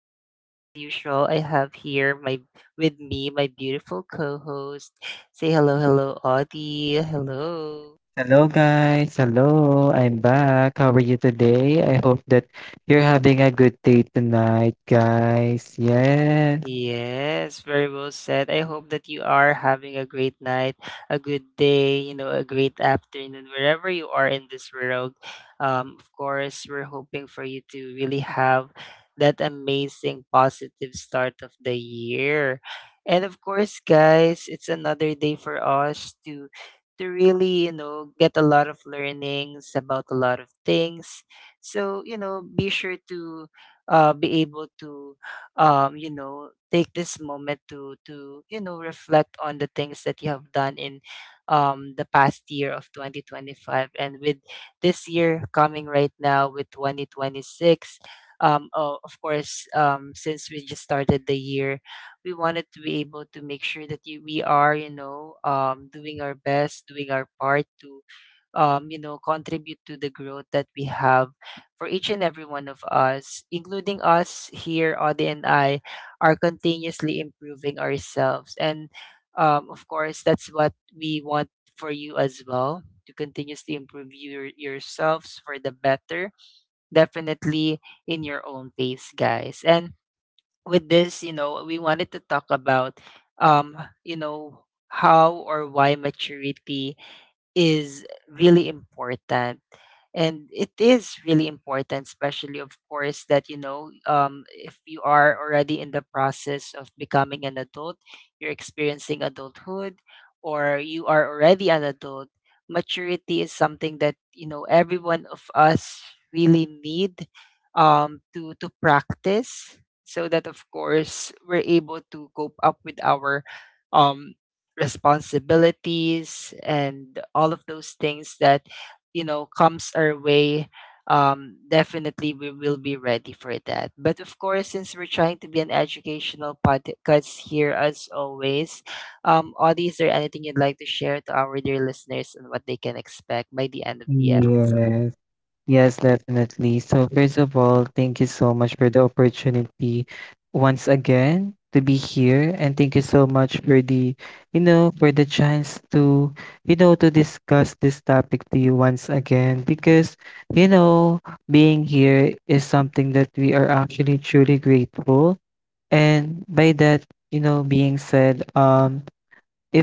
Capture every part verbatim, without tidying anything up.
And of course, as usual, I have here my with me my beautiful co-host. Say hello, hello, Audie. Hello. Hello guys, hello, I'm back. How are you today? I hope that you're having a good day tonight, guys. Yes, Yes, very well said. I hope that you are having a great night, a good day, you know, a great afternoon, wherever you are in this world. Um, of course, we're hoping for you to really have that amazing, positive start of the year. And of course, guys, it's another day for us to to really, you know, get a lot of learnings about a lot of things. So, you know, be sure to uh, be able to um, you know, take this moment to to you know reflect on the things that you have done in um, the past year of twenty twenty-five, and with this year coming right now with twenty twenty-six. Um, oh, of course, um, since we just started the year, we wanted to be able to make sure that you, we are, you know, um, doing our best, doing our part to um, you know, contribute to the growth that we have for each and every one of us, including us here, Audie and I, are continuously improving ourselves. And um, of course, that's what we want for you as well to continuously improve your, yourselves for the better, definitely in your own pace, guys. And with this, you know, we wanted to talk about, um, you know, how or why maturity is really important, and it is really important, especially of course that you know, um, if you are already in the process of becoming an adult, you're experiencing adulthood, or you are already an adult, maturity is something that you know every one of us really need, um, to to practice so that of course we're able to cope up with our um, responsibilities and all of those things that you know comes our way. Um, definitely we will be ready for that, but of course since we're trying to be an educational podcast here as always, um, Audie, is there anything you'd like to share to our dear listeners and what they can expect by the end of the episode? yes, yes, definitely. So, first of all, thank you so much for the opportunity once again to be here, and thank you so much for the, you know, for the chance to, you know, to discuss this topic to you once again because, you know, being here is something that we are actually truly grateful. And by that, you know, being said, um,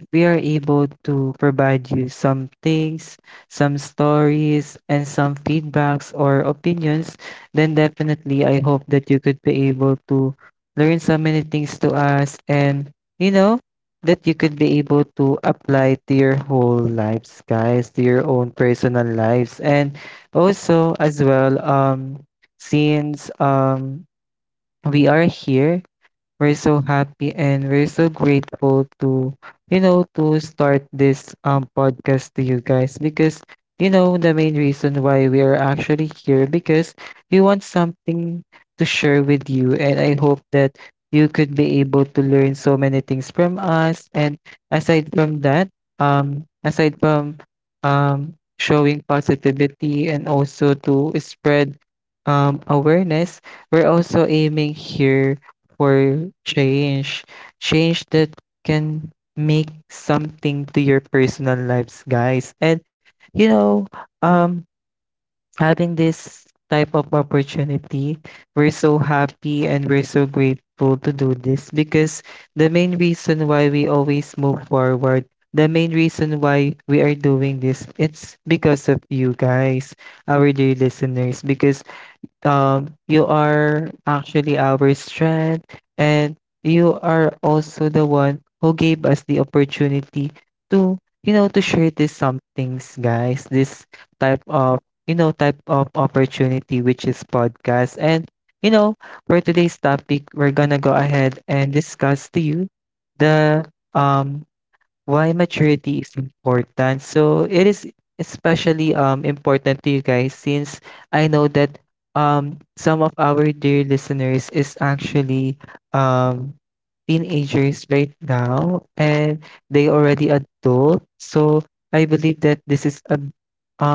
if we are able to provide you some things, some stories, and some feedbacks or opinions, then definitely I hope that you could be able to learn so many things to us and, you know, that you could be able to apply to your whole lives, guys, to your own personal lives. And also, as well, um, since um, we are here. We're so happy and we're so grateful to, you know, to start this um podcast to you guys because you know the main reason why we are actually here, because we want something to share with you, and I hope that you could be able to learn so many things from us. And aside from that, um aside from um showing positivity and also to spread um awareness, we're also aiming here for change. Change that can make something to your personal lives, guys. And you know, um having this type of opportunity, we're so happy and we're so grateful to do this because the main reason why we always move forward the main reason why we are doing this, it's because of you guys, our dear listeners, because um you are actually our strength, and you are also the one who gave us the opportunity to, you know, to share this some things, guys. This type of you know type of opportunity, which is podcast. And you know, for today's topic, we're gonna go ahead and discuss to you the um why maturity is important. So it is especially um important to you guys, since I know that um some of our dear listeners is actually um teenagers right now, and they already adult. So I believe that this is a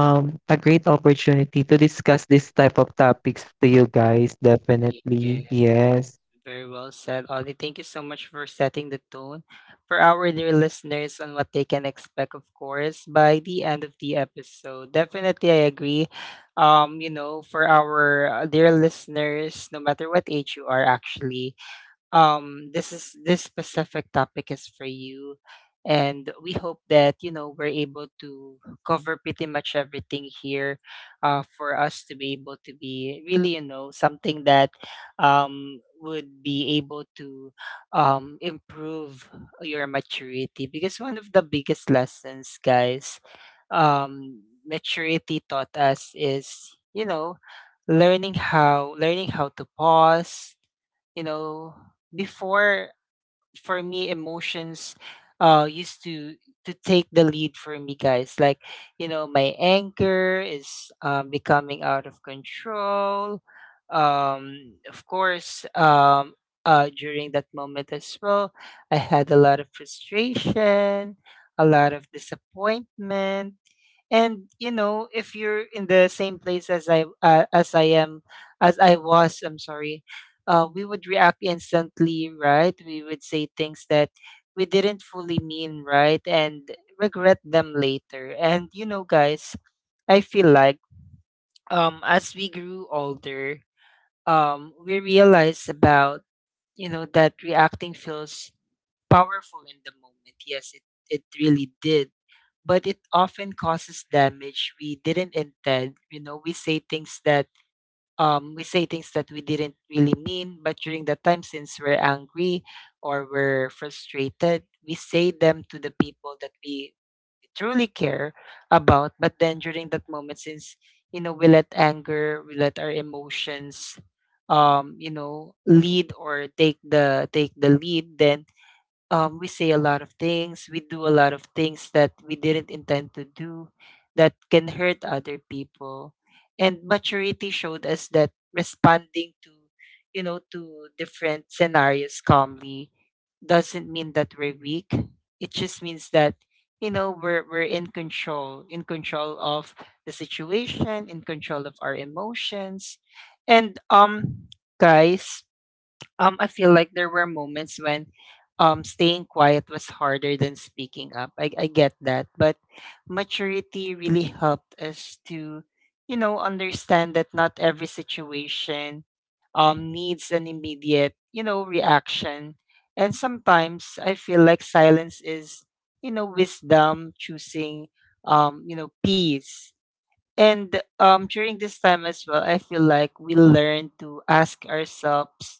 um a great opportunity to discuss this type of topics to you guys Yes, definitely. Yes. very well said, Ollie. Thank you so much for setting the tone for our dear listeners on what they can expect, of course, by the end of the episode. Definitely, I agree. Um, you know, for our uh, dear listeners, no matter what age you are, actually, um this is this specific topic is for you, and we hope that you know we're able to cover pretty much everything here uh, for us to be able to be really you know something that um, would be able to um, improve your maturity, because one of the biggest lessons, guys, um, maturity taught us is you know learning how learning how to pause, you know, before. For me, emotions uh used to to take the lead for me, guys, like you know my anger is um, becoming out of control. Um of course um uh During that moment as well, I had a lot of frustration, a lot of disappointment, and you know if you're in the same place as i uh, as I am as I was, I'm sorry. Uh, we would react instantly, right? We would say things that we didn't fully mean, right, and regret them later. And you know, guys, I feel like um as we grew older, um we realized about, you know, that reacting feels powerful in the moment. Yes, it it really did, but it often causes damage we didn't intend. You know, we say things that um we say things that we didn't really mean, but during that time since we're angry or we're frustrated, we say them to the people that we truly care about. But then during that moment, since you know we let anger, we let our emotions um you know lead or take the take the lead. Then um, we say a lot of things, we do a lot of things that we didn't intend to do that can hurt other people. And maturity showed us that responding to, you know, to different scenarios calmly doesn't mean that we're weak. It just means that, you know, we're we're in control, in control of the situation, in control of our emotions. And um guys, um, I feel like there were moments when um, staying quiet was harder than speaking up. I, I get that. But maturity really helped us to, you know, understand that not every situation um, needs an immediate, you know, reaction. And sometimes I feel like silence is, you know, wisdom choosing, um, you know, peace. And um, during this time as well, I feel like we learn to ask ourselves,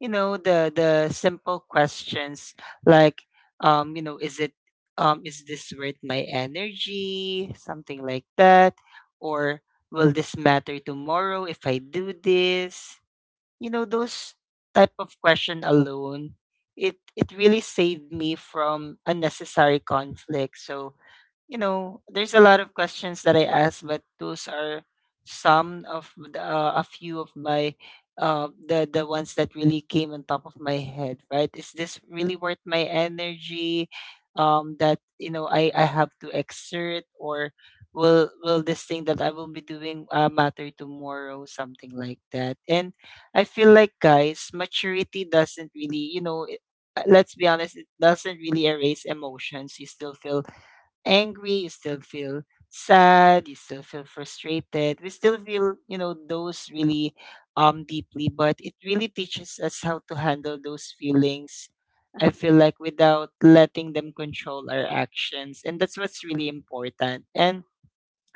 you know, the the simple questions like, um, you know, is it, um, is this worth my energy, something like that, or will this matter tomorrow if I do this? You know, those type of question alone, it it really saved me from unnecessary conflict. So you know, there's a lot of questions that I ask, but those are some of the, uh, a few of my uh, the the ones that really came on top of my head, right? Is this really worth my energy? Um, that you know, I I have to exert, or will will this thing that I will be doing uh, matter tomorrow? Something like that. And I feel like, guys, maturity doesn't really, you know. It- Let's be honest, it doesn't really erase emotions. You still feel angry, you still feel sad, you still feel frustrated. We still feel, you know, those really um deeply, but it really teaches us how to handle those feelings, I feel like, without letting them control our actions. And that's what's really important. And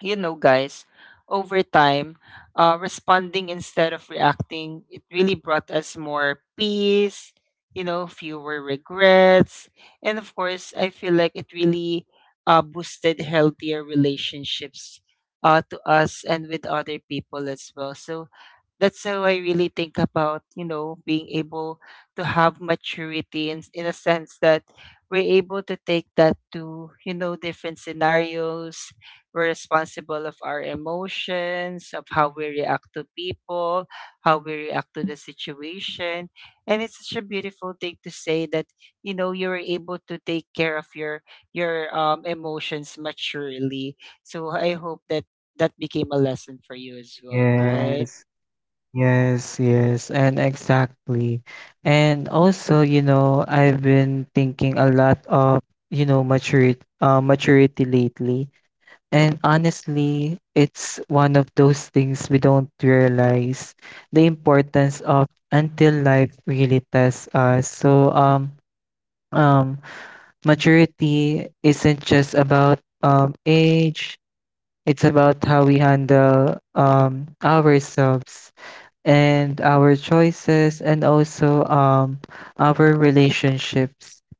you know, guys, over time, uh, responding instead of reacting, it really brought us more peace, you know, fewer regrets. And of course, I feel like it really uh, boosted healthier relationships uh, to us and with other people as well. So that's how I really think about, you know, being able to have maturity in, in a sense that we're able to take that to, you know, different scenarios. We're responsible of our emotions, of how we react to people, how we react to the situation. And it's such a beautiful thing to say that, you know, you were able to take care of your your um emotions maturely. So I hope that that became a lesson for you as well, right? Yes. Yes, yes, and exactly. And also, you know, I've been thinking a lot of, you know, maturity, uh, maturity lately. And honestly, it's one of those things we don't realize the importance of until life really tests us. So, um, um, maturity isn't just about um age, it's about how we handle um ourselves and our choices, and also um our relationships.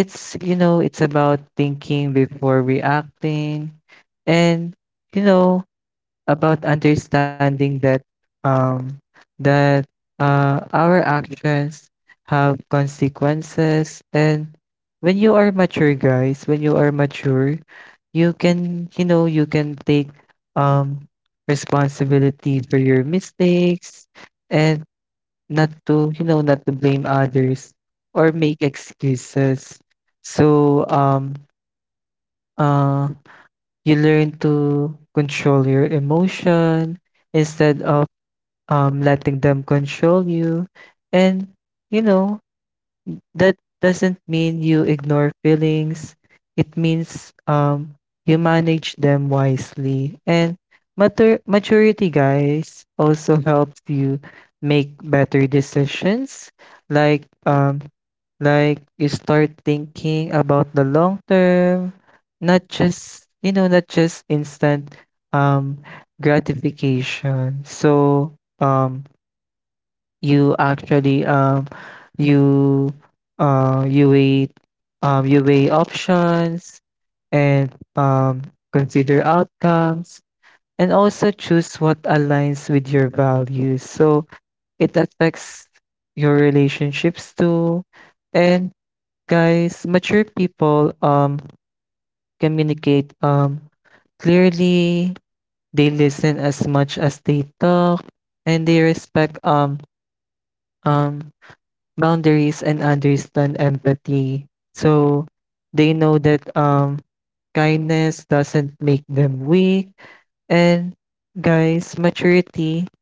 It's you know, it's about thinking before reacting, and you know, about understanding that um that uh our actions have consequences. And when you are mature, guys, when you are mature you can, you know, you can take um responsibility for your mistakes, and not to, you know, not to blame others or make excuses. So um uh you learn to control your emotion instead of um, letting them control you. And, you know, that doesn't mean you ignore feelings. It means um you manage them wisely. And matur- maturity, guys, also helps you make better decisions. Like um like you start thinking about the long term, not just, you know, not just instant um gratification. So um you actually um you uh you weigh, um you weigh options, and um consider outcomes, and also choose what aligns with your values. So it affects your relationships too. And guys, mature people um communicate um clearly. They listen as much as they talk, and they respect um um boundaries and understand empathy. So they know that um kindness doesn't make them weak. And guys, maturity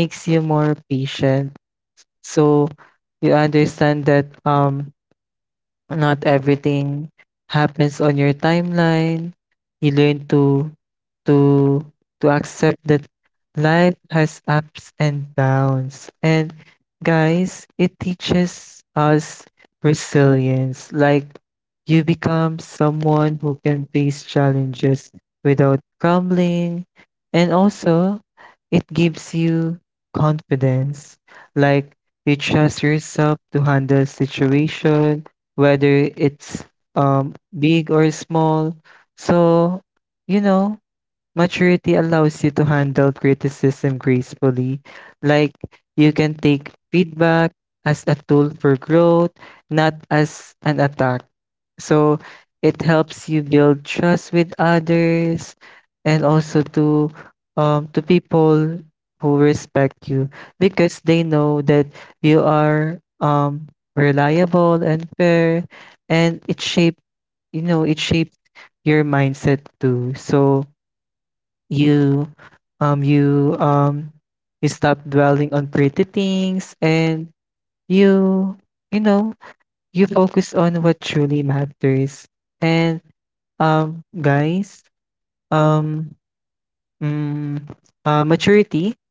makes you more patient. So you understand that um not everything happens on your timeline. You learn to to to accept that life has ups and downs. And guys, it teaches us resilience. Like you become someone who can face challenges without crumbling. And also, it gives you confidence. Like you trust yourself to handle situation, whether it's um big or small. So, you know, maturity allows you to handle criticism gracefully, like you can take feedback as a tool for growth, not as an attack. So it helps you build trust with others, and also to um to people who respect you because they know that you are um reliable and fair. And it shape you know it shapes your mindset too. So you um you um you stop dwelling on pretty things, and you you know, you focus on what truly matters. And um guys um mm, uh, maturity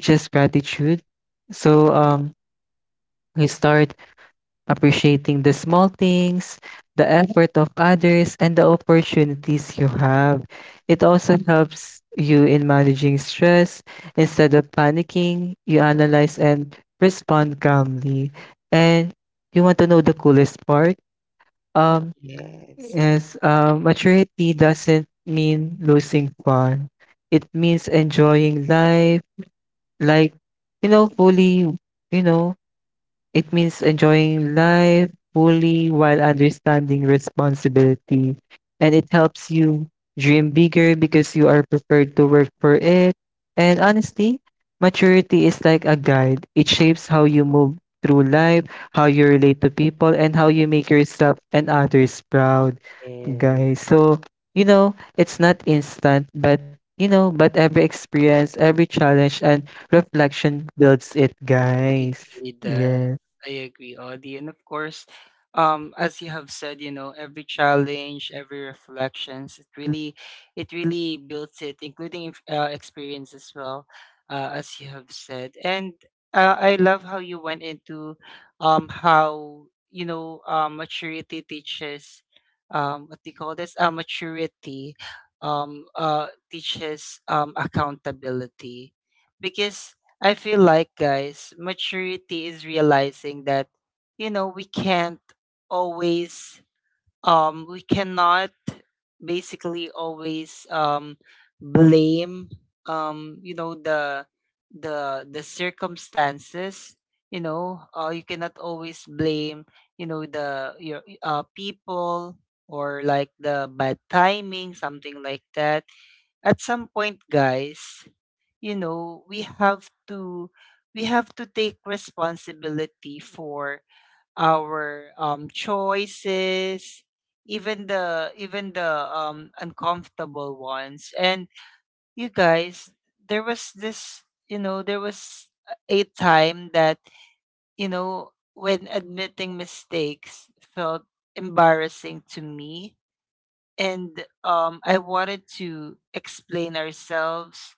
teaches gratitude. So um you start appreciating the small things, the effort of others, and the opportunities you have. It also helps you in managing stress. Instead of panicking, you analyze and respond calmly. And you want to know the coolest part? Um, Yes. is uh, maturity doesn't mean losing fun. It means enjoying life, like, you know, fully, you know, it means enjoying life fully while understanding responsibility. And it helps you dream bigger because you are prepared to work for it. And honestly, maturity is like a guide. It shapes how you move through life, how you relate to people, and how you make yourself and others proud, Yes. guys. So, you know, it's not instant, but you know, but every experience, every challenge, and reflection builds it, It guys. really does. Yeah. I agree, Audie. And of course, um, as you have said, you know, every challenge, every reflections, it really, it really builds it, including if- uh, experience as well, uh, as you have said. And uh, I love how you went into, um, how you know, uh, maturity teaches, um, what do you call this? Uh, maturity, um, uh, teaches um accountability, because I feel like, guys, maturity is realizing that, you know, we can't always, um, we cannot basically always, um, blame, um, you know, the, the, the circumstances, you know, uh, you cannot always blame, you know, the, your, uh, people or like the bad timing, something like that. At some point, guys, you know we have to we have to take responsibility for our um choices, even the even the um uncomfortable ones. And you guys, there was this you know there was a time that, you know, when admitting mistakes felt embarrassing to me. And um I wanted to explain ourselves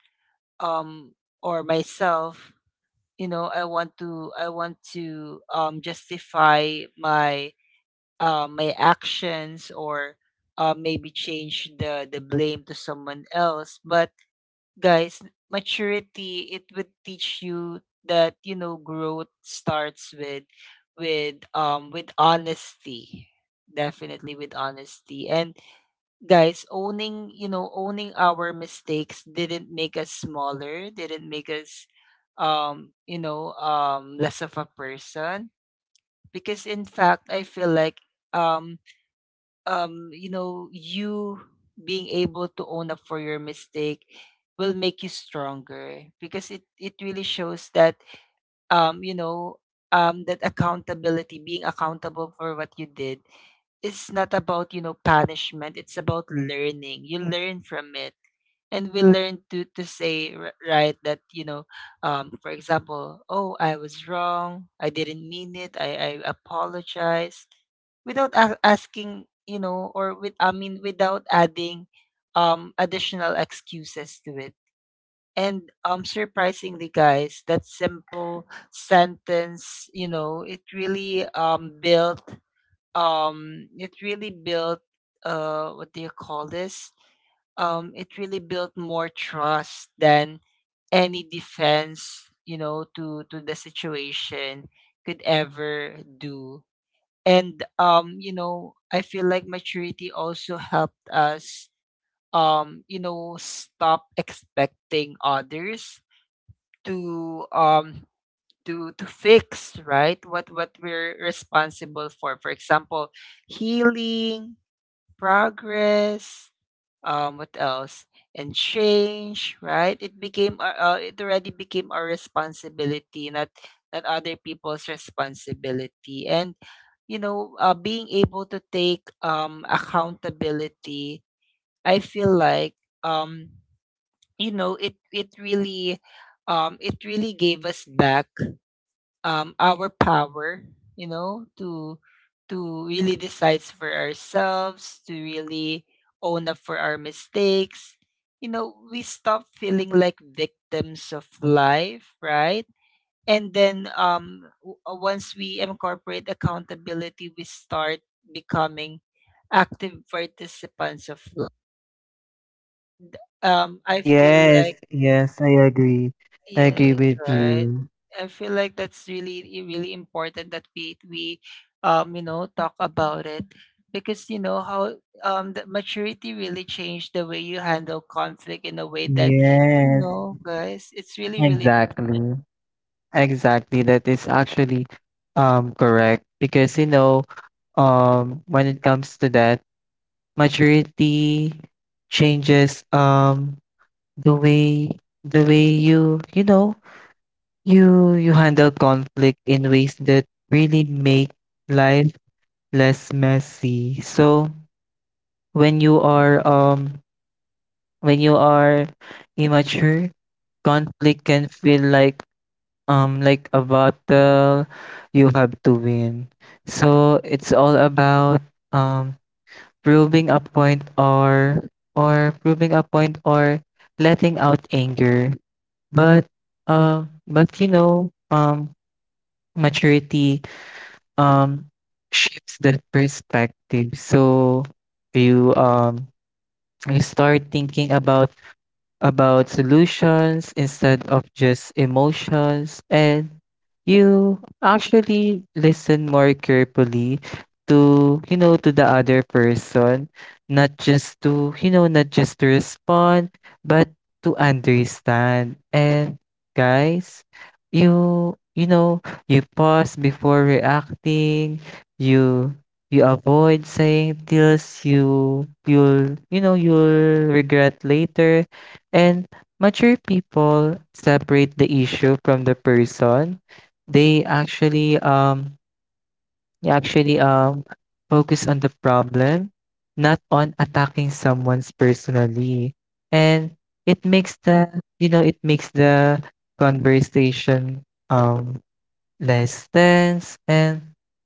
um or myself, you know. i want to I want to um justify my uh, my actions, or uh, maybe change the the blame to someone else. But guys, maturity it would teach you that, you know, growth starts with with um with honesty, definitely with honesty. And guys, owning you know owning our mistakes didn't make us smaller, didn't make us um you know um less of a person, because in fact I feel like um um you know you being able to own up for your mistake will make you stronger, because it it really shows that um you know um that accountability, being accountable for what you did, it's not about, you know, punishment. It's about learning. You learn from it. And we learn to, to say, r- right, that, you know, um, for example, oh, I was wrong. I didn't mean it. I, I apologize without a- asking, you know, or with, I mean, without adding um, additional excuses to it. And um, surprisingly, guys, that simple sentence, you know, it really um, built um it really built uh what do you call this um it really built more trust than any defense, you know to to the situation could ever do. And um you know I feel like maturity also helped us um you know stop expecting others to um to to fix, right, what what we're responsible for. For example, healing, progress, um, what else? And change, right? It became, our- uh, it already became our responsibility, not not other people's responsibility. And, you know, uh, being able to take um accountability, I feel like, um, you know, it it really, um, it really gave us back, um, our power, you know, to to really decide for ourselves, to really own up for our mistakes. You know, we stop feeling like victims of life, right? And then um, w- uh, once we incorporate accountability, we start becoming active participants of life. Um, I feel like Yes, yes, I agree. I Yes, agree with right. you. I feel like that's really i- really important that we we um you know talk about it, because you know how um the maturity really changed the way you handle conflict in a way that, you Yes, know guys, it's really, really different. exactly. Exactly. That is actually um correct, because you know, um when it comes to that, maturity changes um the way the way you, you know, you you handle conflict in ways that really make life less messy. So when you are um When you are immature, conflict can feel like um like a battle you have to win. So it's all about um proving a point or or proving a point, or letting out anger. But uh, but you know, um maturity um shifts that perspective. So you um you start thinking about about solutions instead of just emotions. And you actually listen more carefully to, you know, to the other person, not just to, you know, not just to respond, but to understand. And guys, you you know, you pause before reacting. You you avoid saying things you you'll you know you'll regret later. And mature people separate the issue from the person. They actually um they actually um focus on the problem, not on attacking someone's personally. And it makes the, you know it makes the conversation um less tense. And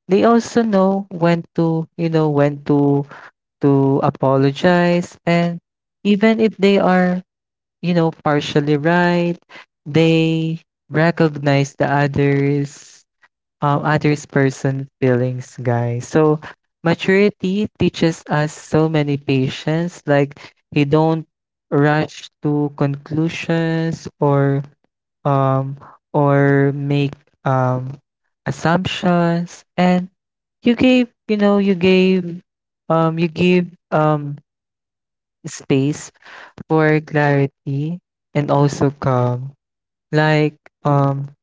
they also know when to, you know, when to to apologize, and even if they are, you know, partially right. They recognize the others, um, others person feelings, guys. So maturity teaches us so many patience. Like you don't rush to conclusions, or um or make um assumptions. And you gave you know you gave, um you give um space for clarity and also calm. Like um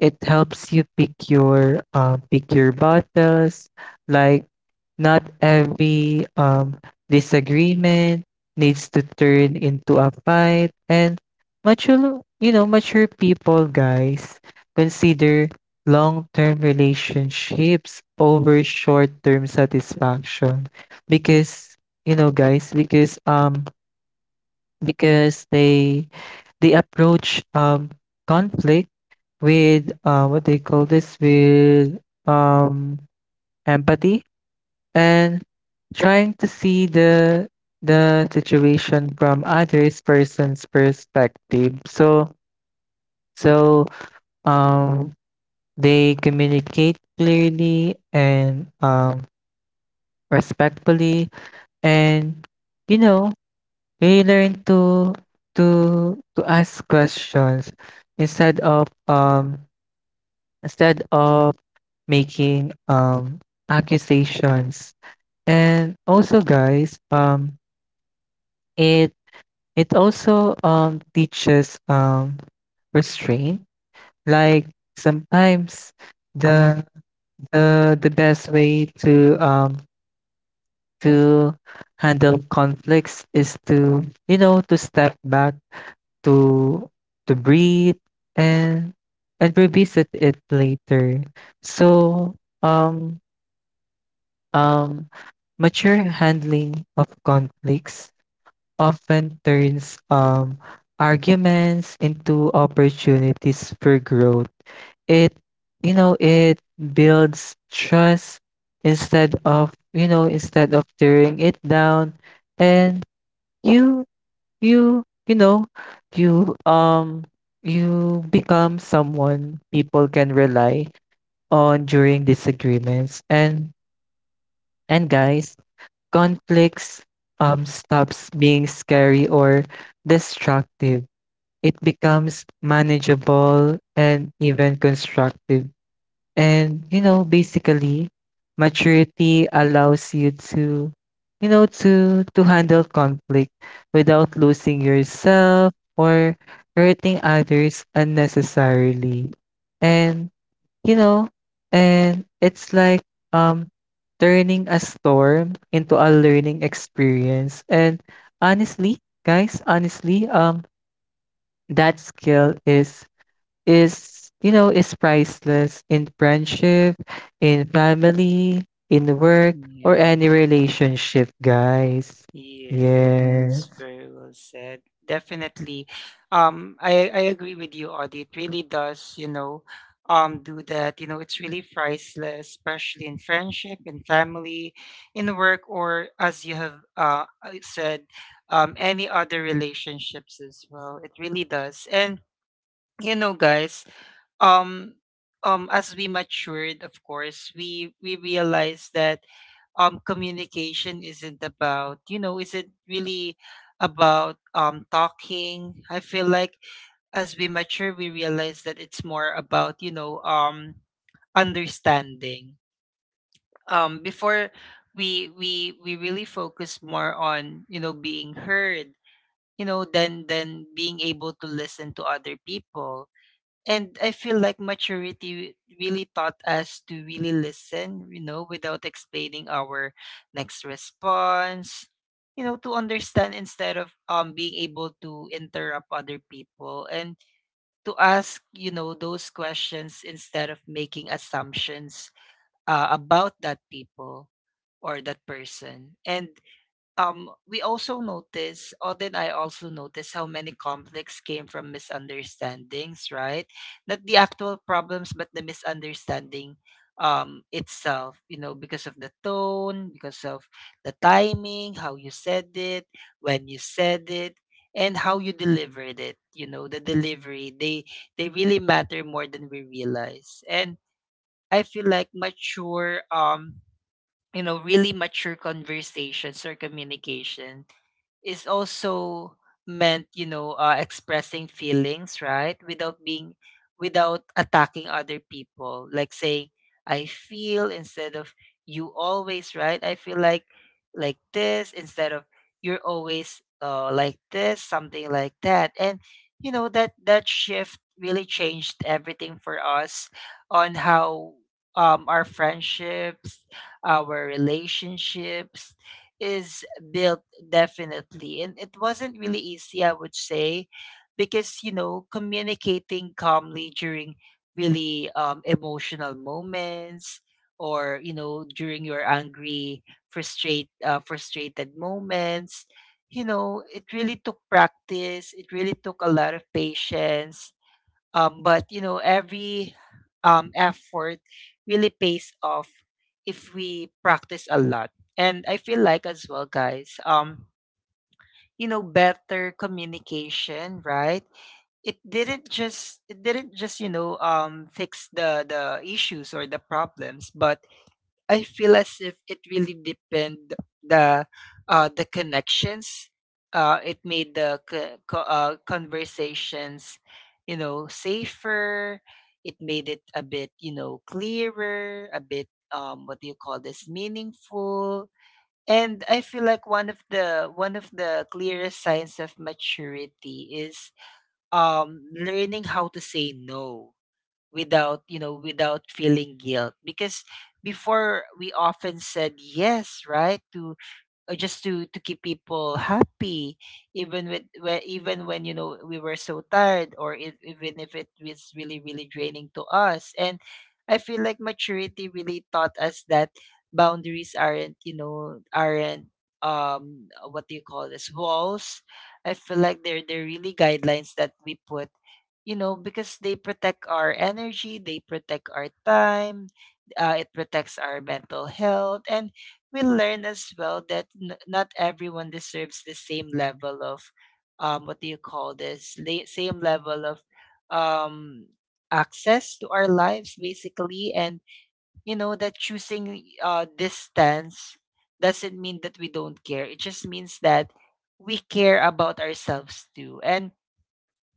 it helps you pick your uh, pick your battles. Like not every um disagreement needs to turn into a fight. And mature you know mature people, guys, consider long-term relationships over short-term satisfaction, because you know guys because um because they they approach um conflict with uh what they call this, with um empathy, and trying to see the the situation from others person's perspective. So so um they communicate clearly and um respectfully. And you know, we learn to to to ask questions instead of um instead of making um accusations. And also guys, um it it also um teaches um restraint. Like sometimes the the the best way to um to handle conflicts is to, you know, to step back, to to breathe, and and revisit it later. So um um mature handling of conflicts often turns um arguments into opportunities for growth. It, you know, it builds trust instead of, you know, instead of tearing it down. And you you you know, you um you become someone people can rely on during disagreements. And and guys, conflicts um stops being scary or destructive. It becomes manageable and even constructive. And, you know, basically, maturity allows you to, you know, to to handle conflict without losing yourself or hurting others unnecessarily. And, you know, and it's like um turning a storm into a learning experience. And honestly, guys, honestly, um that skill is is, you know, is priceless in friendship, in family, in work, or Yeah. any relationship, guys. Yes, Yes, very well said. Definitely. Um, I, I agree with you, Audie. It really does, you know, um, do that. You know, it's really priceless, especially in friendship, in family, in work, or as you have uh, uh, said, um, any other relationships as well. It really does. And, you know, guys, um, um, as we matured, of course, we we realized that um communication isn't about, you know isn't really about um talking. I feel like, as we mature, we realize that it's more about, you know um understanding. Um before, we we we really focus more on, you know being heard, you know than than being able to listen to other people. And I feel like maturity really taught us to really listen, you know, without explaining our next response, you know, to understand instead of um being able to interrupt other people, and to ask, you know, those questions instead of making assumptions uh, about that people or that person. And um, we also notice, Odd and I also notice, how many conflicts came from misunderstandings, right? Not the actual problems, but the misunderstanding, um, itself, you know, because of the tone, because of the timing, how you said it, when you said it, and how you delivered it, you know, the delivery. They they really matter more than we realize. And I feel like mature um you know really mature conversations or communication is also meant, you know uh, expressing feelings, right, without being, without attacking other people, like saying "I feel" instead of "you always", right? I feel like "like this" instead of "you're always, uh, like this", something like that. And, you know that that shift really changed everything for us on how, um, our friendships, our relationships is built, definitely. And it wasn't really easy, I would say, because, you know, communicating calmly during really, um, emotional moments, or, you know, during your angry, frustrate, uh, frustrated moments, you know, it really took practice. It really took a lot of patience, um, but, you know, every, um, effort really pays off if we practice a lot. And I feel like as well, guys, um, you know, better communication, right? It didn't just it didn't just, you know, um fix the the issues or the problems, but I feel as if it really depend the, uh, the connections. Uh, it made the co- co- uh, conversations, you know, safer. It made it a bit, you know, clearer, a bit, um, what do you call this, meaningful. And I feel like one of the one of the clearest signs of maturity is, um, learning how to say no without, you know without feeling guilt, because before we often said yes, right, to, or just to to keep people happy, even with, whe- even when, you know we were so tired, or, if, even if it was really, really draining to us. And I feel like maturity really taught us that boundaries aren't, you know aren't, um uh, what do you call this walls. I feel like they're they're really guidelines that we put, you know because they protect our energy, they protect our time, uh, it protects our mental health. And we learn as well that n- not everyone deserves the same level of, um what do you call this la- same level of um access to our lives, basically. And, you know that choosing, uh distance doesn't mean that we don't care, it just means that we care about ourselves too. And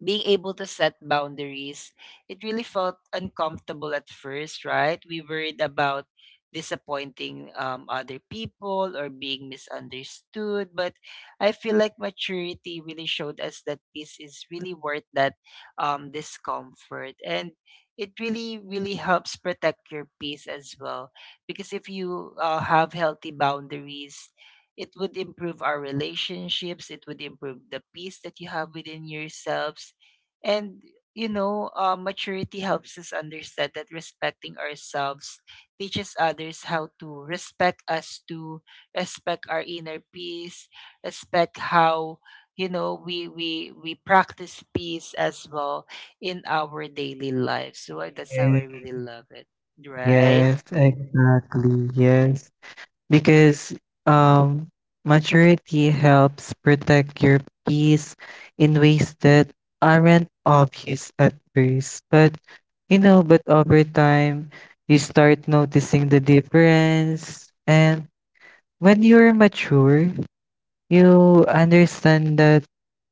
being able to set boundaries, it really felt uncomfortable at first, right? We worried about disappointing, um, other people, or being misunderstood. But I feel like maturity really showed us that peace is really worth that, um, discomfort. And it really, really helps protect your peace as well. Because if you, uh, have healthy boundaries, it would improve our relationships. It would improve the peace that you have within yourselves. And, you know, uh, maturity helps us understand that respecting ourselves teaches others how to respect us, to respect our inner peace, respect how, you know we we we practice peace as well in our daily life. So, uh, that's how I eh, really love it, right? yes, exactly. Yes. Because um maturity helps protect your peace in ways that aren't obvious at first. But you know, but over time you start noticing the difference. And when you're mature, you understand that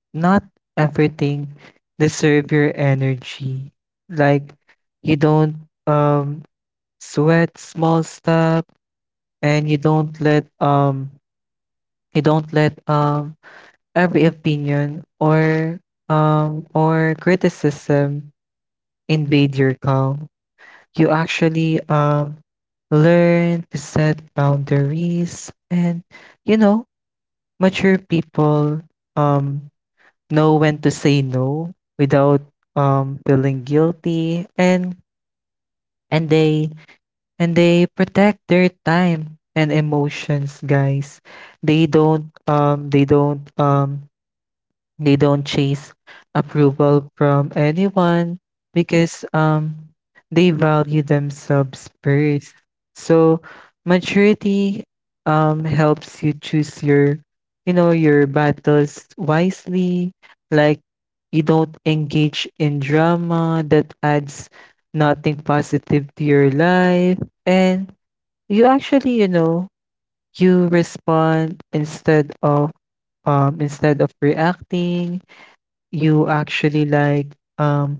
not everything deserve your energy. Like you don't um sweat small stuff, and you don't let um you don't let um every opinion or um or criticism invade your calm. You actually um learn to set boundaries, and you know mature people um, know when to say no without um, feeling guilty, and and they and they protect their time and emotions, guys. they don't um they don't um They don't chase approval from anyone because um they value themselves first. So maturity um helps you choose your, you know, your battles wisely. Like, you don't engage in drama that adds nothing positive to your life, and you actually, you know, you respond instead of um instead of reacting. You actually, like, um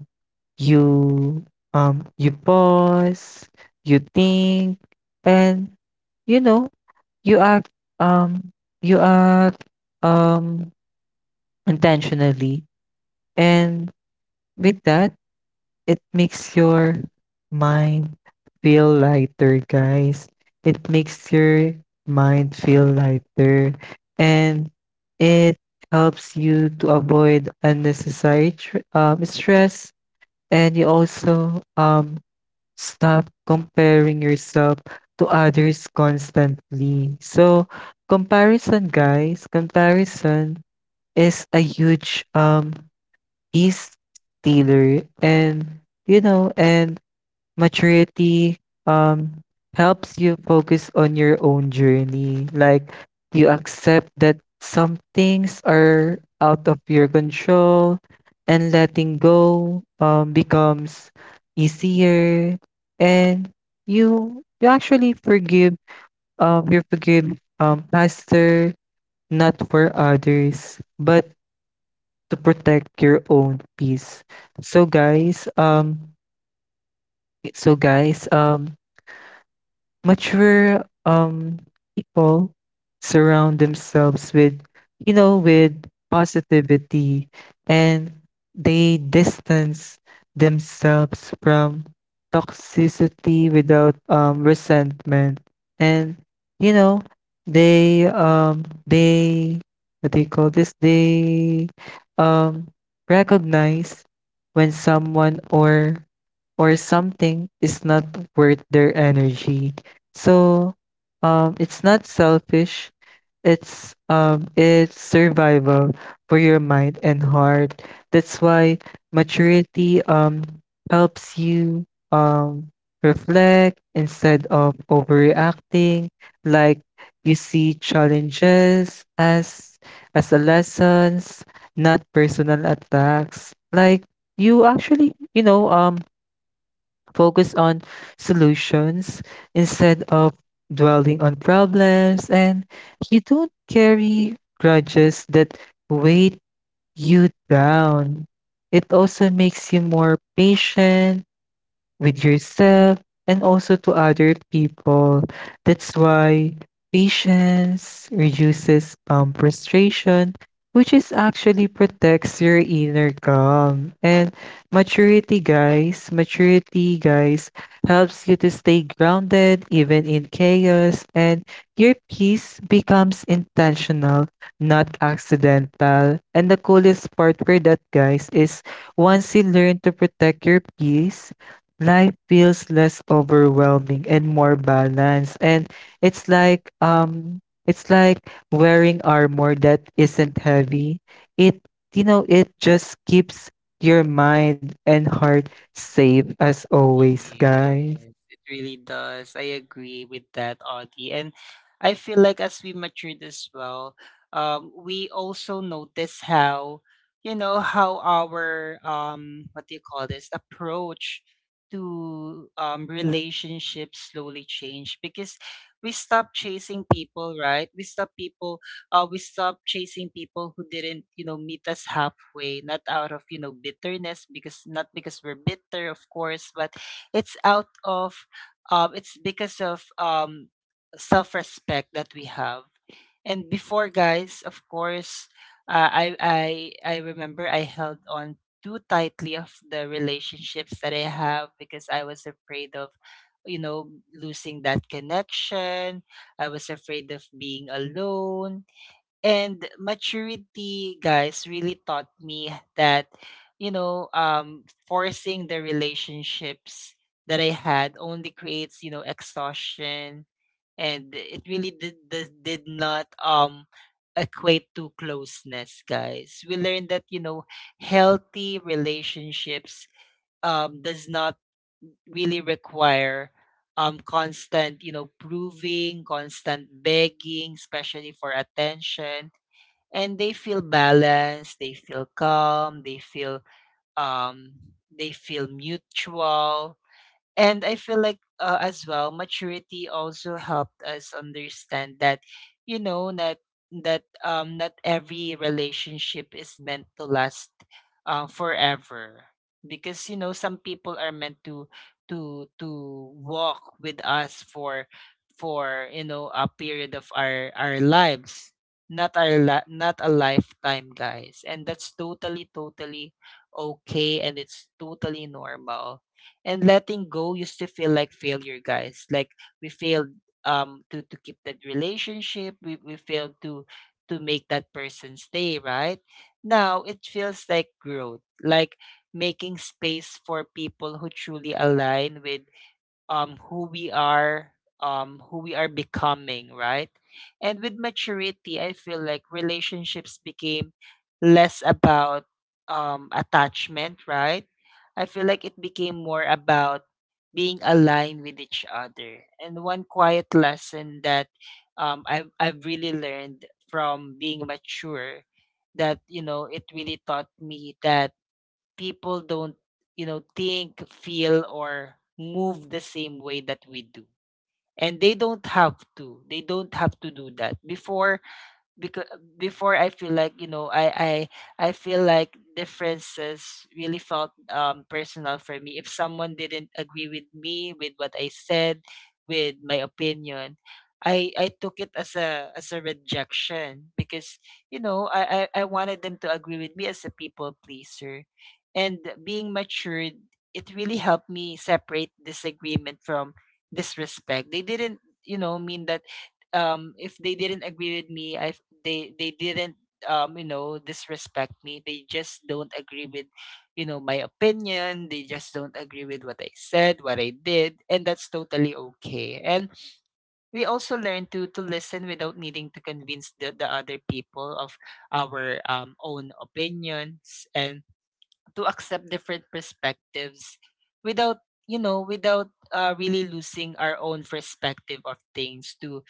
you um you pause, you think, and, you know, you act um you act um intentionally, and with that it makes your mind feel lighter, guys. It makes your mind feel lighter, and it helps you to avoid unnecessary tr- um, stress. And you also um stop comparing yourself to others constantly. So, comparison, guys, comparison is a huge um peace stealer. And, you know, and maturity um helps you focus on your own journey. Like, you accept that some things are out of your control and letting go um becomes easier, and you you actually forgive, um you forgive um faster, not for others but to protect your own peace. So guys, um so guys, um mature um people surround themselves with, you know, with positivity, and they distance themselves from toxicity without um resentment. And, you know, they um they what do you call this, they um recognize when someone or or something is not worth their energy. So um, it's not selfish. It's um, it's survival for your mind and heart. That's why maturity um, helps you um, reflect instead of overreacting. Like, you see challenges as as a lessons, not personal attacks. Like, you actually, you know, um, focus on solutions instead of dwelling on problems, and you don't carry grudges that weight you down. It also makes you more patient, with yourself and also to other people. That's why patience reduces um, frustration, which is actually protects your inner calm. And maturity, guys, maturity, guys, helps you to stay grounded even in chaos, and your peace becomes intentional, not accidental. And the coolest part for that, guys, is once you learn to protect your peace, life feels less overwhelming and more balanced. And it's like um it's like wearing armor that isn't heavy. It, you know, it just keeps your mind and heart safe as always, guys. Yes, it really does. I agree with that, Audie. And I feel like as we matured as well, um, we also notice how, you know, how our, um, what do you call this, approach to um relationships slowly changed, because we stopped chasing people, right? We stopped people, uh, we stopped chasing people who didn't, you know, meet us halfway, not out of, you know, bitterness, because, not because we're bitter, of course, but it's out of um it's because of, um self-respect that we have. And before, guys, of course, uh, i i i remember I held on too tightly of the relationships that I have, because I was afraid of, you know losing that connection. I was afraid of being alone. And maturity, guys, really taught me that, you know um forcing the relationships that I had only creates, you know exhaustion, and it really did did, did not, um equate to closeness. Guys, we learned that, you know healthy relationships, um does not really require, um constant, you know proving, constant begging, especially for attention. And they feel balanced, they feel calm, they feel um they feel mutual. And I feel like, uh, as well, maturity also helped us understand that, you know, that that um not every relationship is meant to last, uh, forever, because, you know some people are meant to to to walk with us for, for you know a period of our our lives, not our li- not a lifetime, guys, and that's totally, totally okay, and it's totally normal. And letting go used to feel like failure, guys, like we failed, um to to keep that relationship. We, we failed to to make that person stay, right? Now it feels like growth, like making space for people who truly align with, um, who we are, um, who we are becoming, right? And with maturity, I feel like relationships became less about, um, attachment, right? I feel like it became more about being aligned with each other. And one quiet lesson that, um, I've, I've really learned from being mature, that, you know, it really taught me that people don't, you know, think, feel, or move the same way that we do. And they don't have to. They don't have to do that. Before, because before, I feel like, you know I I I feel like differences really felt, um personal for me, if someone didn't agree with me, with what I said, with my opinion. I I took it as a as a rejection, because, you know I I, I wanted them to agree with me as a people pleaser. And being matured, it really helped me separate disagreement from disrespect. They didn't, you know mean that, um if they didn't agree with me, i f- they they didn't, um you know disrespect me. They just don't agree with, you know my opinion. They just don't agree with what I said, what I did, and that's totally okay. And we also learn to to listen without needing to convince the, the other people of our, um, own opinions, and to accept different perspectives, without, you know without, uh, really losing our own perspective of things, to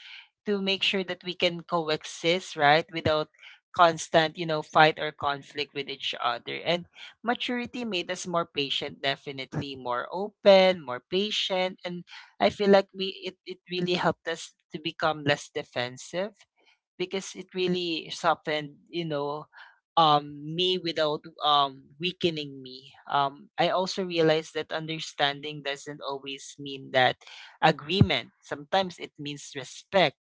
to make sure that we can coexist, right? Without constant, you know, fight or conflict with each other. And maturity made us more patient, definitely, more open, more patient. And I feel like we it, it really helped us to become less defensive, because it really softened, you know, um me without, um weakening me. Um I also realized that understanding doesn't always mean that agreement. Sometimes it means respect.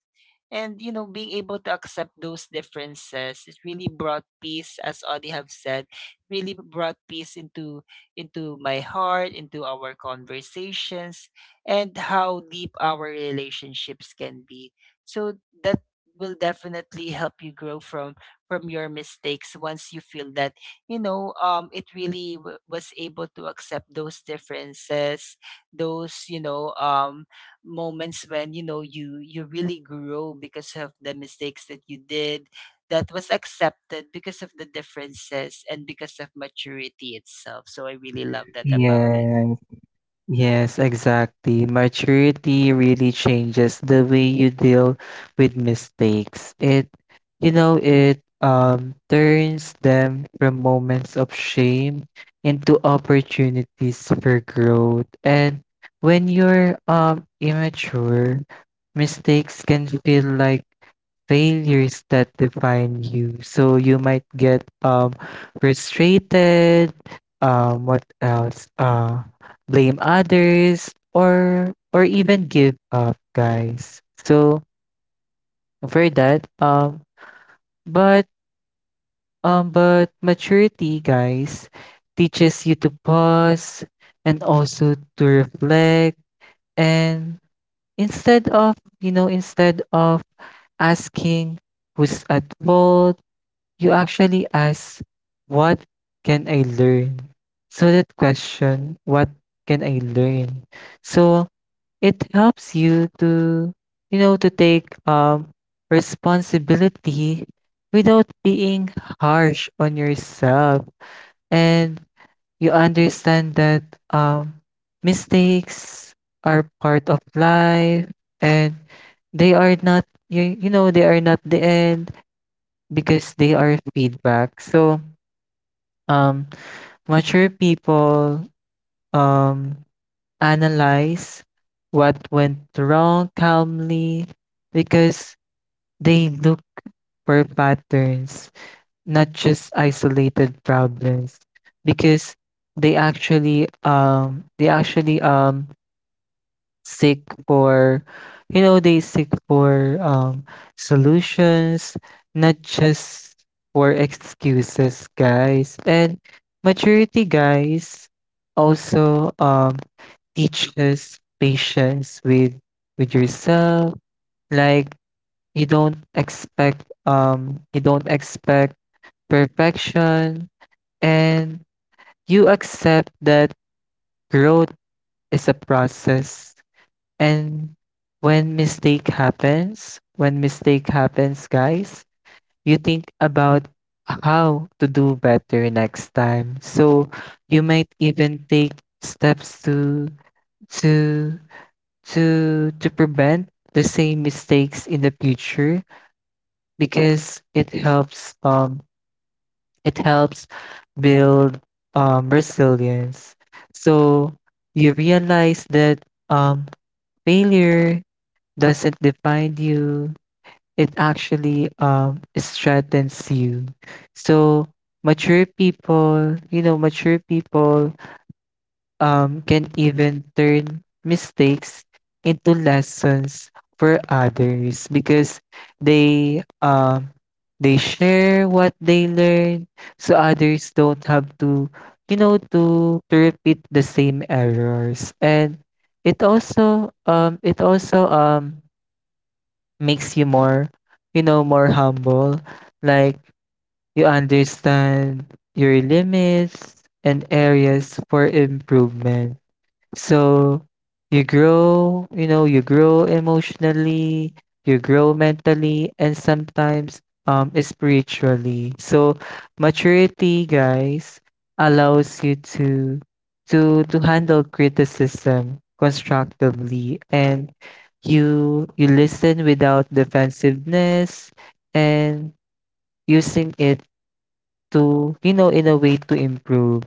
And, you know, being able to accept those differences, it really brought peace, as Audie have said, really brought peace into into my heart, into our conversations, and how deep our relationships can be. So that will definitely help you grow from from your mistakes once you feel that you know um it really w- was able to accept those differences, those you know um moments when, you know, you you really grow because of the mistakes that you did that was accepted because of the differences and because of maturity itself. So I really love that about Yes. Yes, exactly. Maturity really changes the way you deal with mistakes. It, you know, it um turns them from moments of shame into opportunities for growth. And when you're um immature, mistakes can feel like failures that define you. So you might get um frustrated. Um, what else? Uh, blame others or or even give up, guys. So for that um but um but maturity, guys, teaches you to pause and also to reflect, and instead of, you know, instead of asking who's at fault, you actually ask, what can I learn? So that question, what can I learn? So it helps you to, you know, to take um, responsibility without being harsh on yourself. And you understand that, um, mistakes are part of life and they are not, you, you know, they are not the end because they are feedback. So, um, mature people um, analyze what went wrong calmly because they look for patterns, not just isolated problems. Because they actually um they actually um seek for, you know, they seek for um solutions, not just for excuses, guys. And maturity, guys, also um teach us patience with with yourself. Like, you don't expect um you don't expect perfection and you accept that growth is a process. And when mistake happens, when mistake happens, guys, you think about how to do better next time. So you might even take steps to to to to prevent the same mistakes in the future because it helps um it helps build um resilience. So you realize that um failure doesn't define you. It actually um strengthens you. So mature people, you know, mature people um, can even turn mistakes into lessons for others because they um, they share what they learn so others don't have to, you know, to to repeat the same errors. And it also um it also um makes you more, you know, more humble. Like, you understand your limits and areas for improvement, so you grow, you know, you grow emotionally, you grow mentally, and sometimes um spiritually. So maturity, guys, allows you to to to handle criticism constructively, and you you listen without defensiveness and using it to, you know, in a way to improve.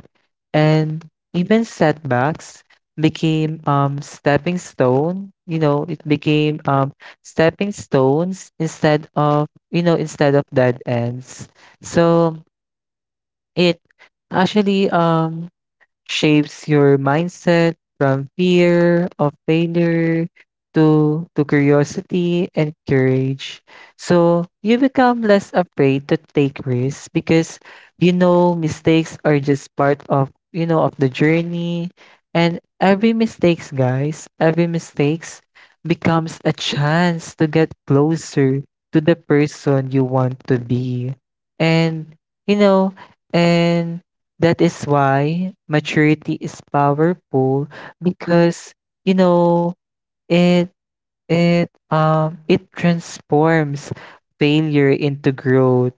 And even setbacks became um stepping stone, you know, it became um stepping stones instead of, you know, instead of dead ends. So it actually um shapes your mindset from fear of failure to, to curiosity and courage. So you become less afraid to take risks because, you know, mistakes are just part of, you know, of the journey, and every mistakes, guys, every mistakes becomes a chance to get closer to the person you want to be. And, you know, and that is why maturity is powerful because, you know, it it um it transforms failure into growth,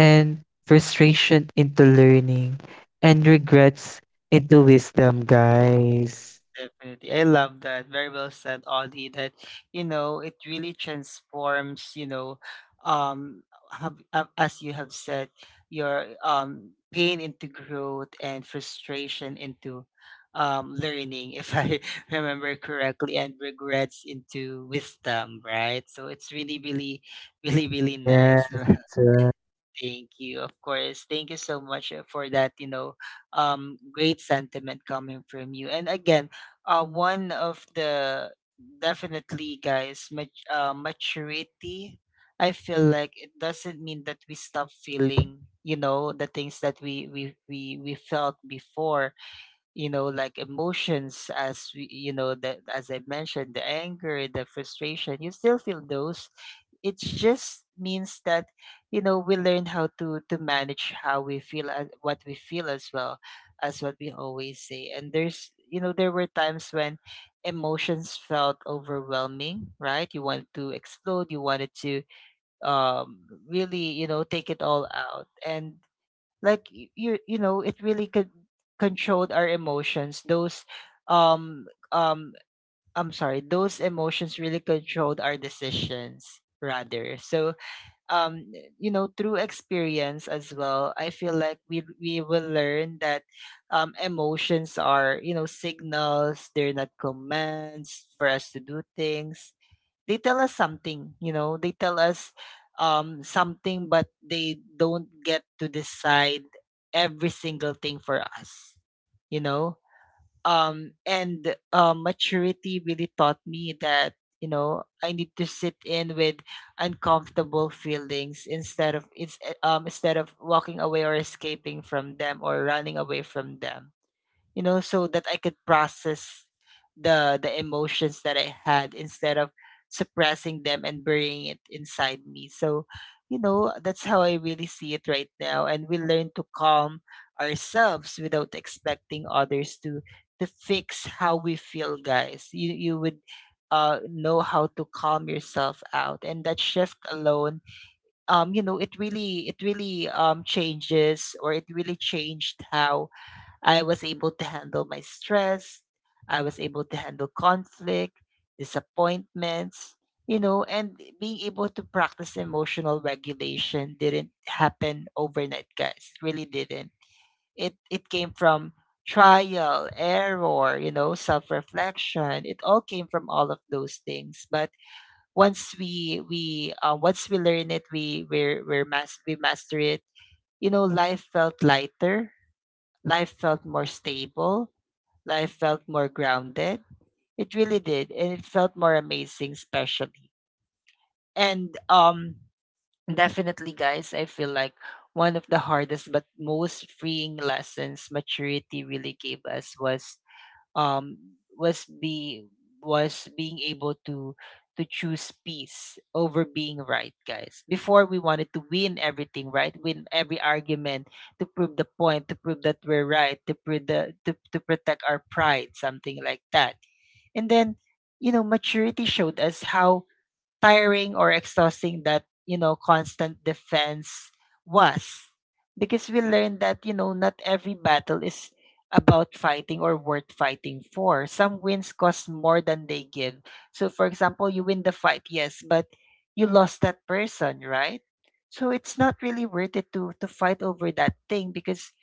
and frustration into learning, and regrets into wisdom, it. guys. Definitely. I love that. Very well said, Audie, that, you know, it really transforms, you know, um, have, uh, as you have said, your um, pain into growth and frustration into um, learning, if I remember correctly, and regrets into wisdom, right? So it's really, really, really, really Yes, nice. that's right. Thank you. Of course. Thank you so much uh, for that, you know, um great sentiment coming from you. And again, uh one of the definitely guys, mat- uh, maturity, I feel like it doesn't mean that we stop feeling, you know, the things that we we we, we felt before, you know, like emotions as we, you know, that as I mentioned, the anger, the frustration, you still feel those. It just means that, you know, we learn how to to manage how we feel and what we feel as well, as what we always say. And there's, you know, there were times when emotions felt overwhelming, right? You wanted to explode, you wanted to, um really, you know, take it all out. And like, y- you, you know, it really could control our emotions, those um um I'm sorry, those emotions really controlled our decisions rather. So um you know, through experience as well, I feel like we we will learn that, um emotions are, you know, signals. They're not commands for us to do things. They tell us something, you know, they tell us um something, but they don't get to decide every single thing for us, you know. Um and uh, maturity really taught me that, you know, I need to sit in with uncomfortable feelings instead of it's um instead of walking away or escaping from them or running away from them, you know, so that I could process the the emotions that I had instead of suppressing them and burying it inside me. So, you know, that's how I really see it right now. And we learn to calm ourselves without expecting others to to fix how we feel, guys. You you would uh, know how to calm yourself out, and that shift alone, um you know, it really, it really um changes or it really changed how I was able to handle my stress. I was able to handle conflict, disappointments, you know, and being able to practice emotional regulation didn't happen overnight, guys. It really didn't. It it came from trial, error, you know, self-reflection. It all came from all of those things. But once we we uh, once we learn it, we we're, we're mas- we master it. You know, life felt lighter. Life felt more stable, life felt more grounded. It really did, and it felt more amazing, especially. And um, definitely, guys, I feel like one of the hardest but most freeing lessons maturity really gave us was, um was be was being able to to choose peace over being right, guys. Before, we wanted to win everything, right? Win every argument, to prove the point, to prove that we're right, to prove the to, to protect our pride, something like that. And then, you know, maturity showed us how tiring or exhausting that, you know, constant defense was. Because we learned that, you know, not every battle is about fighting or worth fighting for. Some wins cost more than they give. So, for example, you win the fight, yes, but you lost that person, right? So it's not really worth it to to fight over that thing, because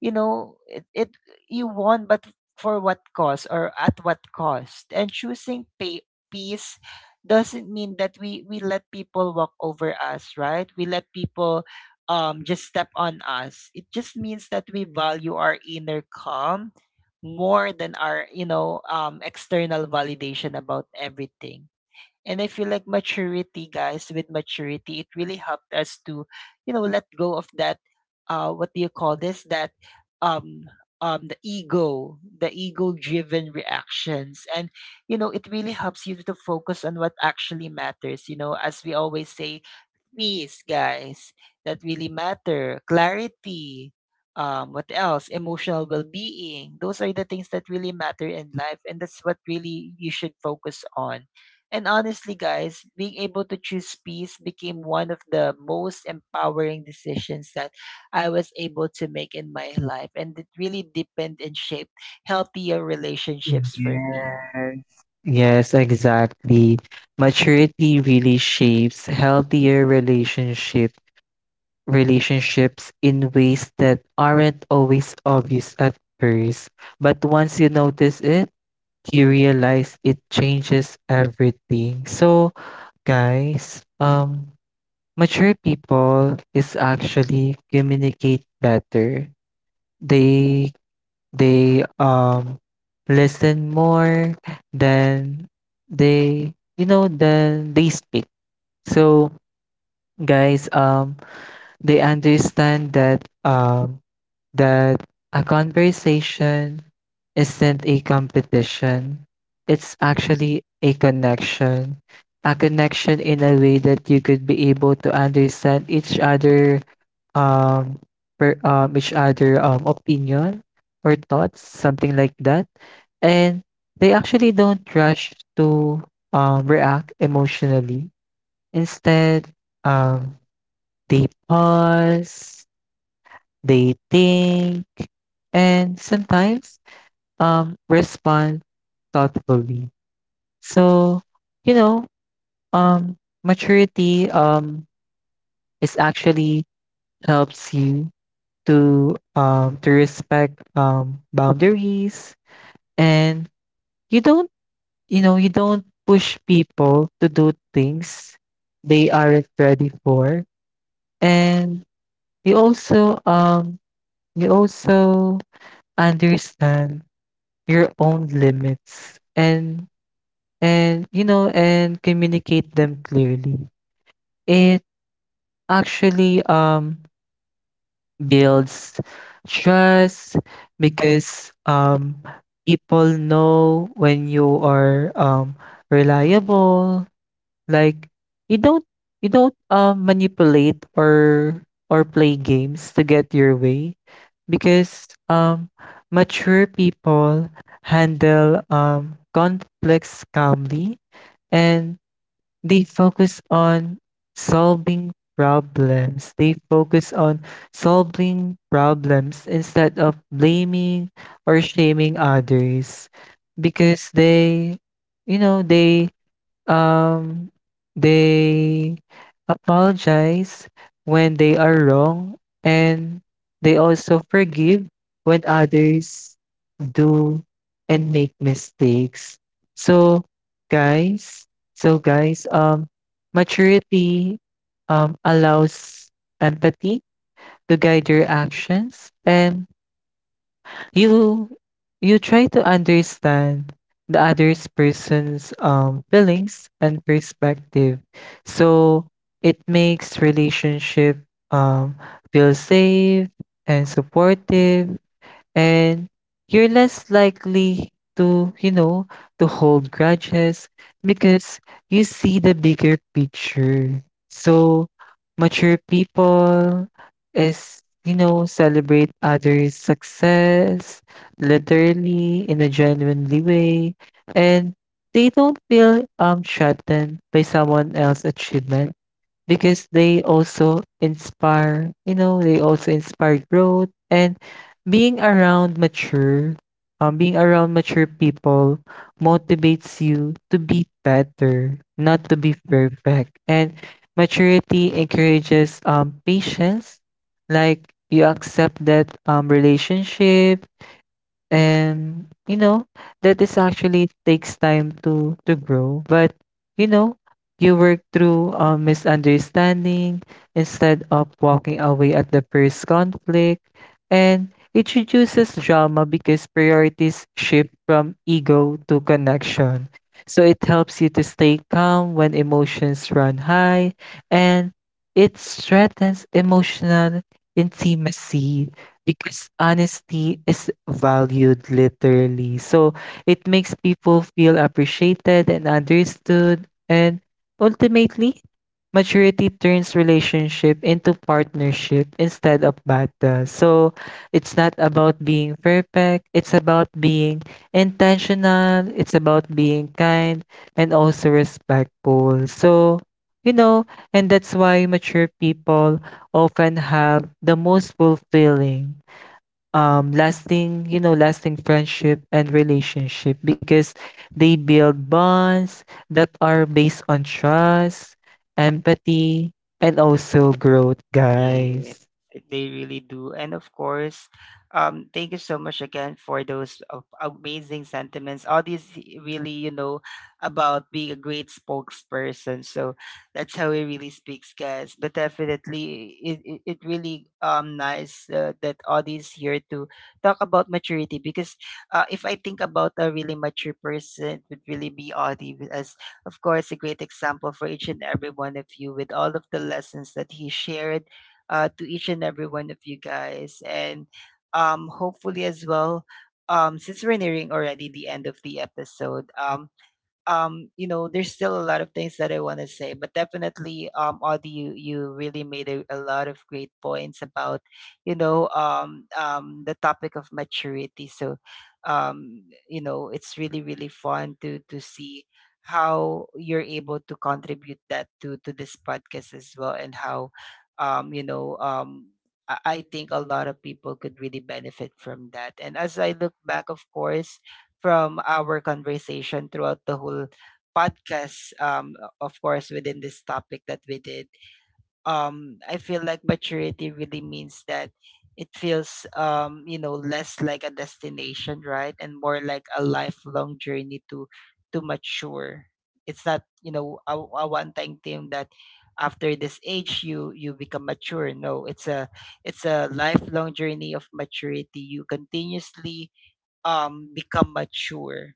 you know it, it, you won, but for what cost, or at what cost. And choosing pay, peace doesn't mean that we we let people walk over us, right? We let people um just step on us. It just means that we value our inner calm more than our, you know, um external validation about everything. And I feel like maturity, guys, with maturity, it really helped us to, you know, let go of that, uh, what do you call this? That, um, um, the ego, the ego-driven reactions, and you know, it really helps you to focus on what actually matters. You know, as we always say, peace, guys, that really matter, clarity, um, what else? Emotional well being. Those are the things that really matter in life, and that's what really you should focus on. And honestly, guys, being able to choose peace became one of the most empowering decisions that I was able to make in my life. And it really deepened and shaped healthier relationships for me. Yes. Yes, exactly. Maturity really shapes healthier relationships relationships in ways that aren't always obvious at first, but once you notice it, you realize it changes everything. So, guys, um mature people is actually communicate better. They they um listen more than they, you know, than they speak. So, guys, um they understand that um that a conversation isn't a competition. It's actually a connection. A connection in a way that you could be able to understand each other, um, per, um each other um opinion or thoughts, something like that. And they actually don't rush to um react emotionally. Instead, um they pause, they think, and sometimes um, respond thoughtfully. So, you know, um, maturity, um, is actually helps you to um, to respect um, boundaries, and you don't, you know, you don't push people to do things they aren't ready for. And you also um you also understand your own limits and and you know, and communicate them clearly. It actually um builds trust because um people know when you are um reliable. Like, you don't you don't um manipulate or or play games to get your way because um mature people handle um conflicts calmly, and they focus on solving problems. They focus on solving problems instead of blaming or shaming others because they, you know, they Um, they apologize when they are wrong, and they also forgive when others do and make mistakes. So, guys, so guys, um, maturity um allows empathy to guide your actions, and you you try to understand the other's person's um feelings and perspective, so it makes relationship um feel safe and supportive, and you're less likely to, you know, to hold grudges because you see the bigger picture. So mature people is, you know, celebrate others' success literally in a genuinely way, and they don't feel um threatened by someone else's achievement because they also inspire, you know, they also inspire growth. And being around mature, um, being around mature people motivates you to be better, not to be perfect. And maturity encourages um patience. Like, you accept that um relationship and, you know, that is actually takes time to to grow. But, you know, you work through a misunderstanding instead of walking away at the first conflict. And it reduces drama because priorities shift from ego to connection. So it helps you to stay calm when emotions run high, and it strengthens emotional intimacy because honesty is valued literally. So it makes people feel appreciated and understood. And ultimately, maturity turns relationship into partnership instead of battle. So it's not about being perfect, it's about being intentional, it's about being kind and also respectful. So, you know, and that's why mature people often have the most fulfilling um lasting, you know, lasting friendship and relationship because they build bonds that are based on trust, empathy, and also growth, Yeah, guys. they really do. And of course, um, thank you so much again for those uh, amazing sentiments. All these i- really, you know, about being a great spokesperson. So that's how it really speaks, guys. But definitely, it, it, it really um nice uh, that all these here to talk about maturity, because uh, if I think about a really mature person, it would really be Audie, as of course a great example for each and every one of you with all of the lessons that he shared uh, to each and every one of you guys. And um, hopefully, as well, um, since we're nearing already the end of the episode, um, um, you know, there's still a lot of things that I want to say, but definitely, um, Audie, you, you really made a, a lot of great points about, you know, um, um, the topic of maturity. So, um, you know, it's really, really fun to, to see how you're able to contribute that to, to this podcast as well. And how, um, you know, um, I I think a lot of people could really benefit from that. And as I look back, of course, from our conversation throughout the whole podcast, um of course within this topic that we did, um I feel like maturity really means that it feels um you know, less like a destination, right, and more like a lifelong journey to to mature. It's not, you know, a, a one time thing that after this age you you become mature. No, it's a it's a lifelong journey of maturity. You continuously um become mature.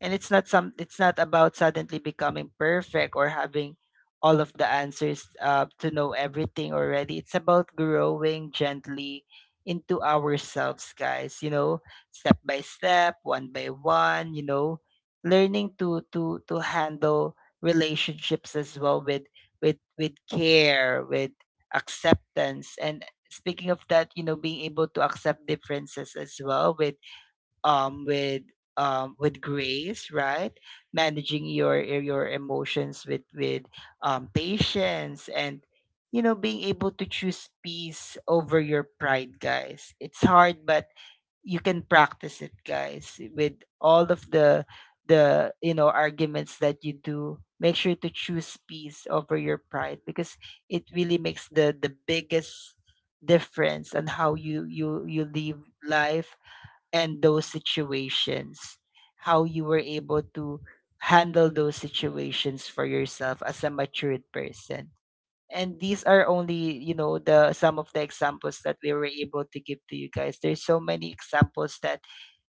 And it's not some it's not about suddenly becoming perfect or having all of the answers, uh, to know everything already. It's about growing gently into ourselves, guys, you know, step by step, one by one, you know, learning to to to handle relationships as well with with with care, with acceptance. And speaking of that, you know, being able to accept differences as well with um, with um, with grace, right? Managing your eh, your emotions with with um, patience, and you know, being able to choose peace over your pride, guys. It's hard, but you can practice it, guys. With all of the the you know, arguments that you do, make sure to choose peace over your pride, because it really makes the the biggest difference on how you you you live life and those situations, how you were able to handle those situations for yourself as a matured person. And these are only, you know, the some of the examples that we were able to give to you guys. There's so many examples that,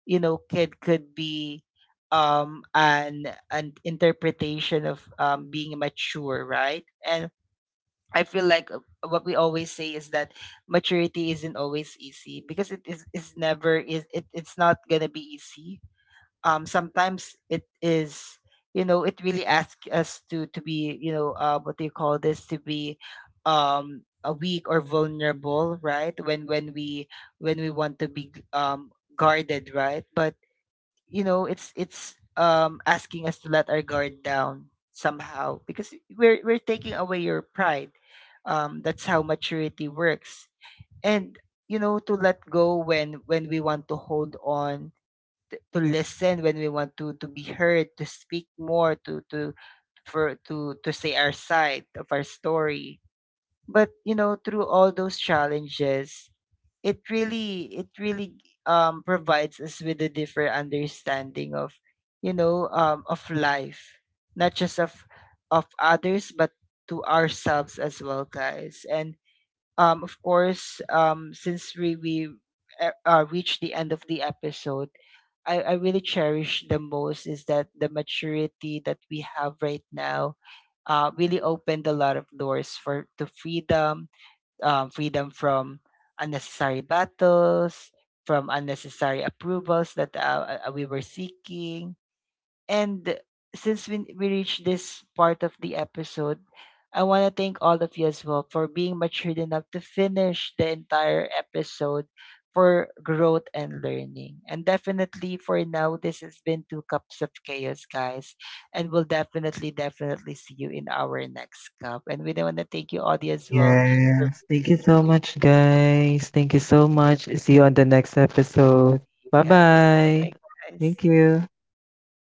you know, kid could be um an an interpretation of um being mature, right? And I feel like uh, what we always say is that maturity isn't always easy, because it is it's never is it, it's not gonna be easy. Um, sometimes it is, you know, it really asks us to to be, you know, uh, what do you call this, to be um a weak or vulnerable, right, when when we when we want to be um guarded, right? But you know, it's it's um asking us to let our guard down somehow, because we're we're taking away your pride, um that's how maturity works. And you know, to let go when when we want to hold on, t- to listen when we want to to be heard, to speak more, to to for to to say our side of our story. But you know, through all those challenges, it really it really um provides us with a different understanding of, you know, um of life, not just of of others, but to ourselves as well, guys. And um, of course, um, since we we uh, uh, reached the end of the episode, I, I really cherish the most is that the maturity that we have right now uh, really opened a lot of doors for to freedom, um, freedom from unnecessary battles, from unnecessary approvals that uh, uh, we were seeking. And since we, we reached this part of the episode, I want to thank all of you as well for being matured enough to finish the entire episode for growth and learning. And definitely for now, this has been Two Cups of Chaos, guys. And we'll definitely, definitely see you in our next cup. And we want to thank you, audience, as well, for Yes, thank you being so here, much, guys. Thank you so much. See you on with the us, next episode. Bye guys. Bye bye. bye, Thank guys. you.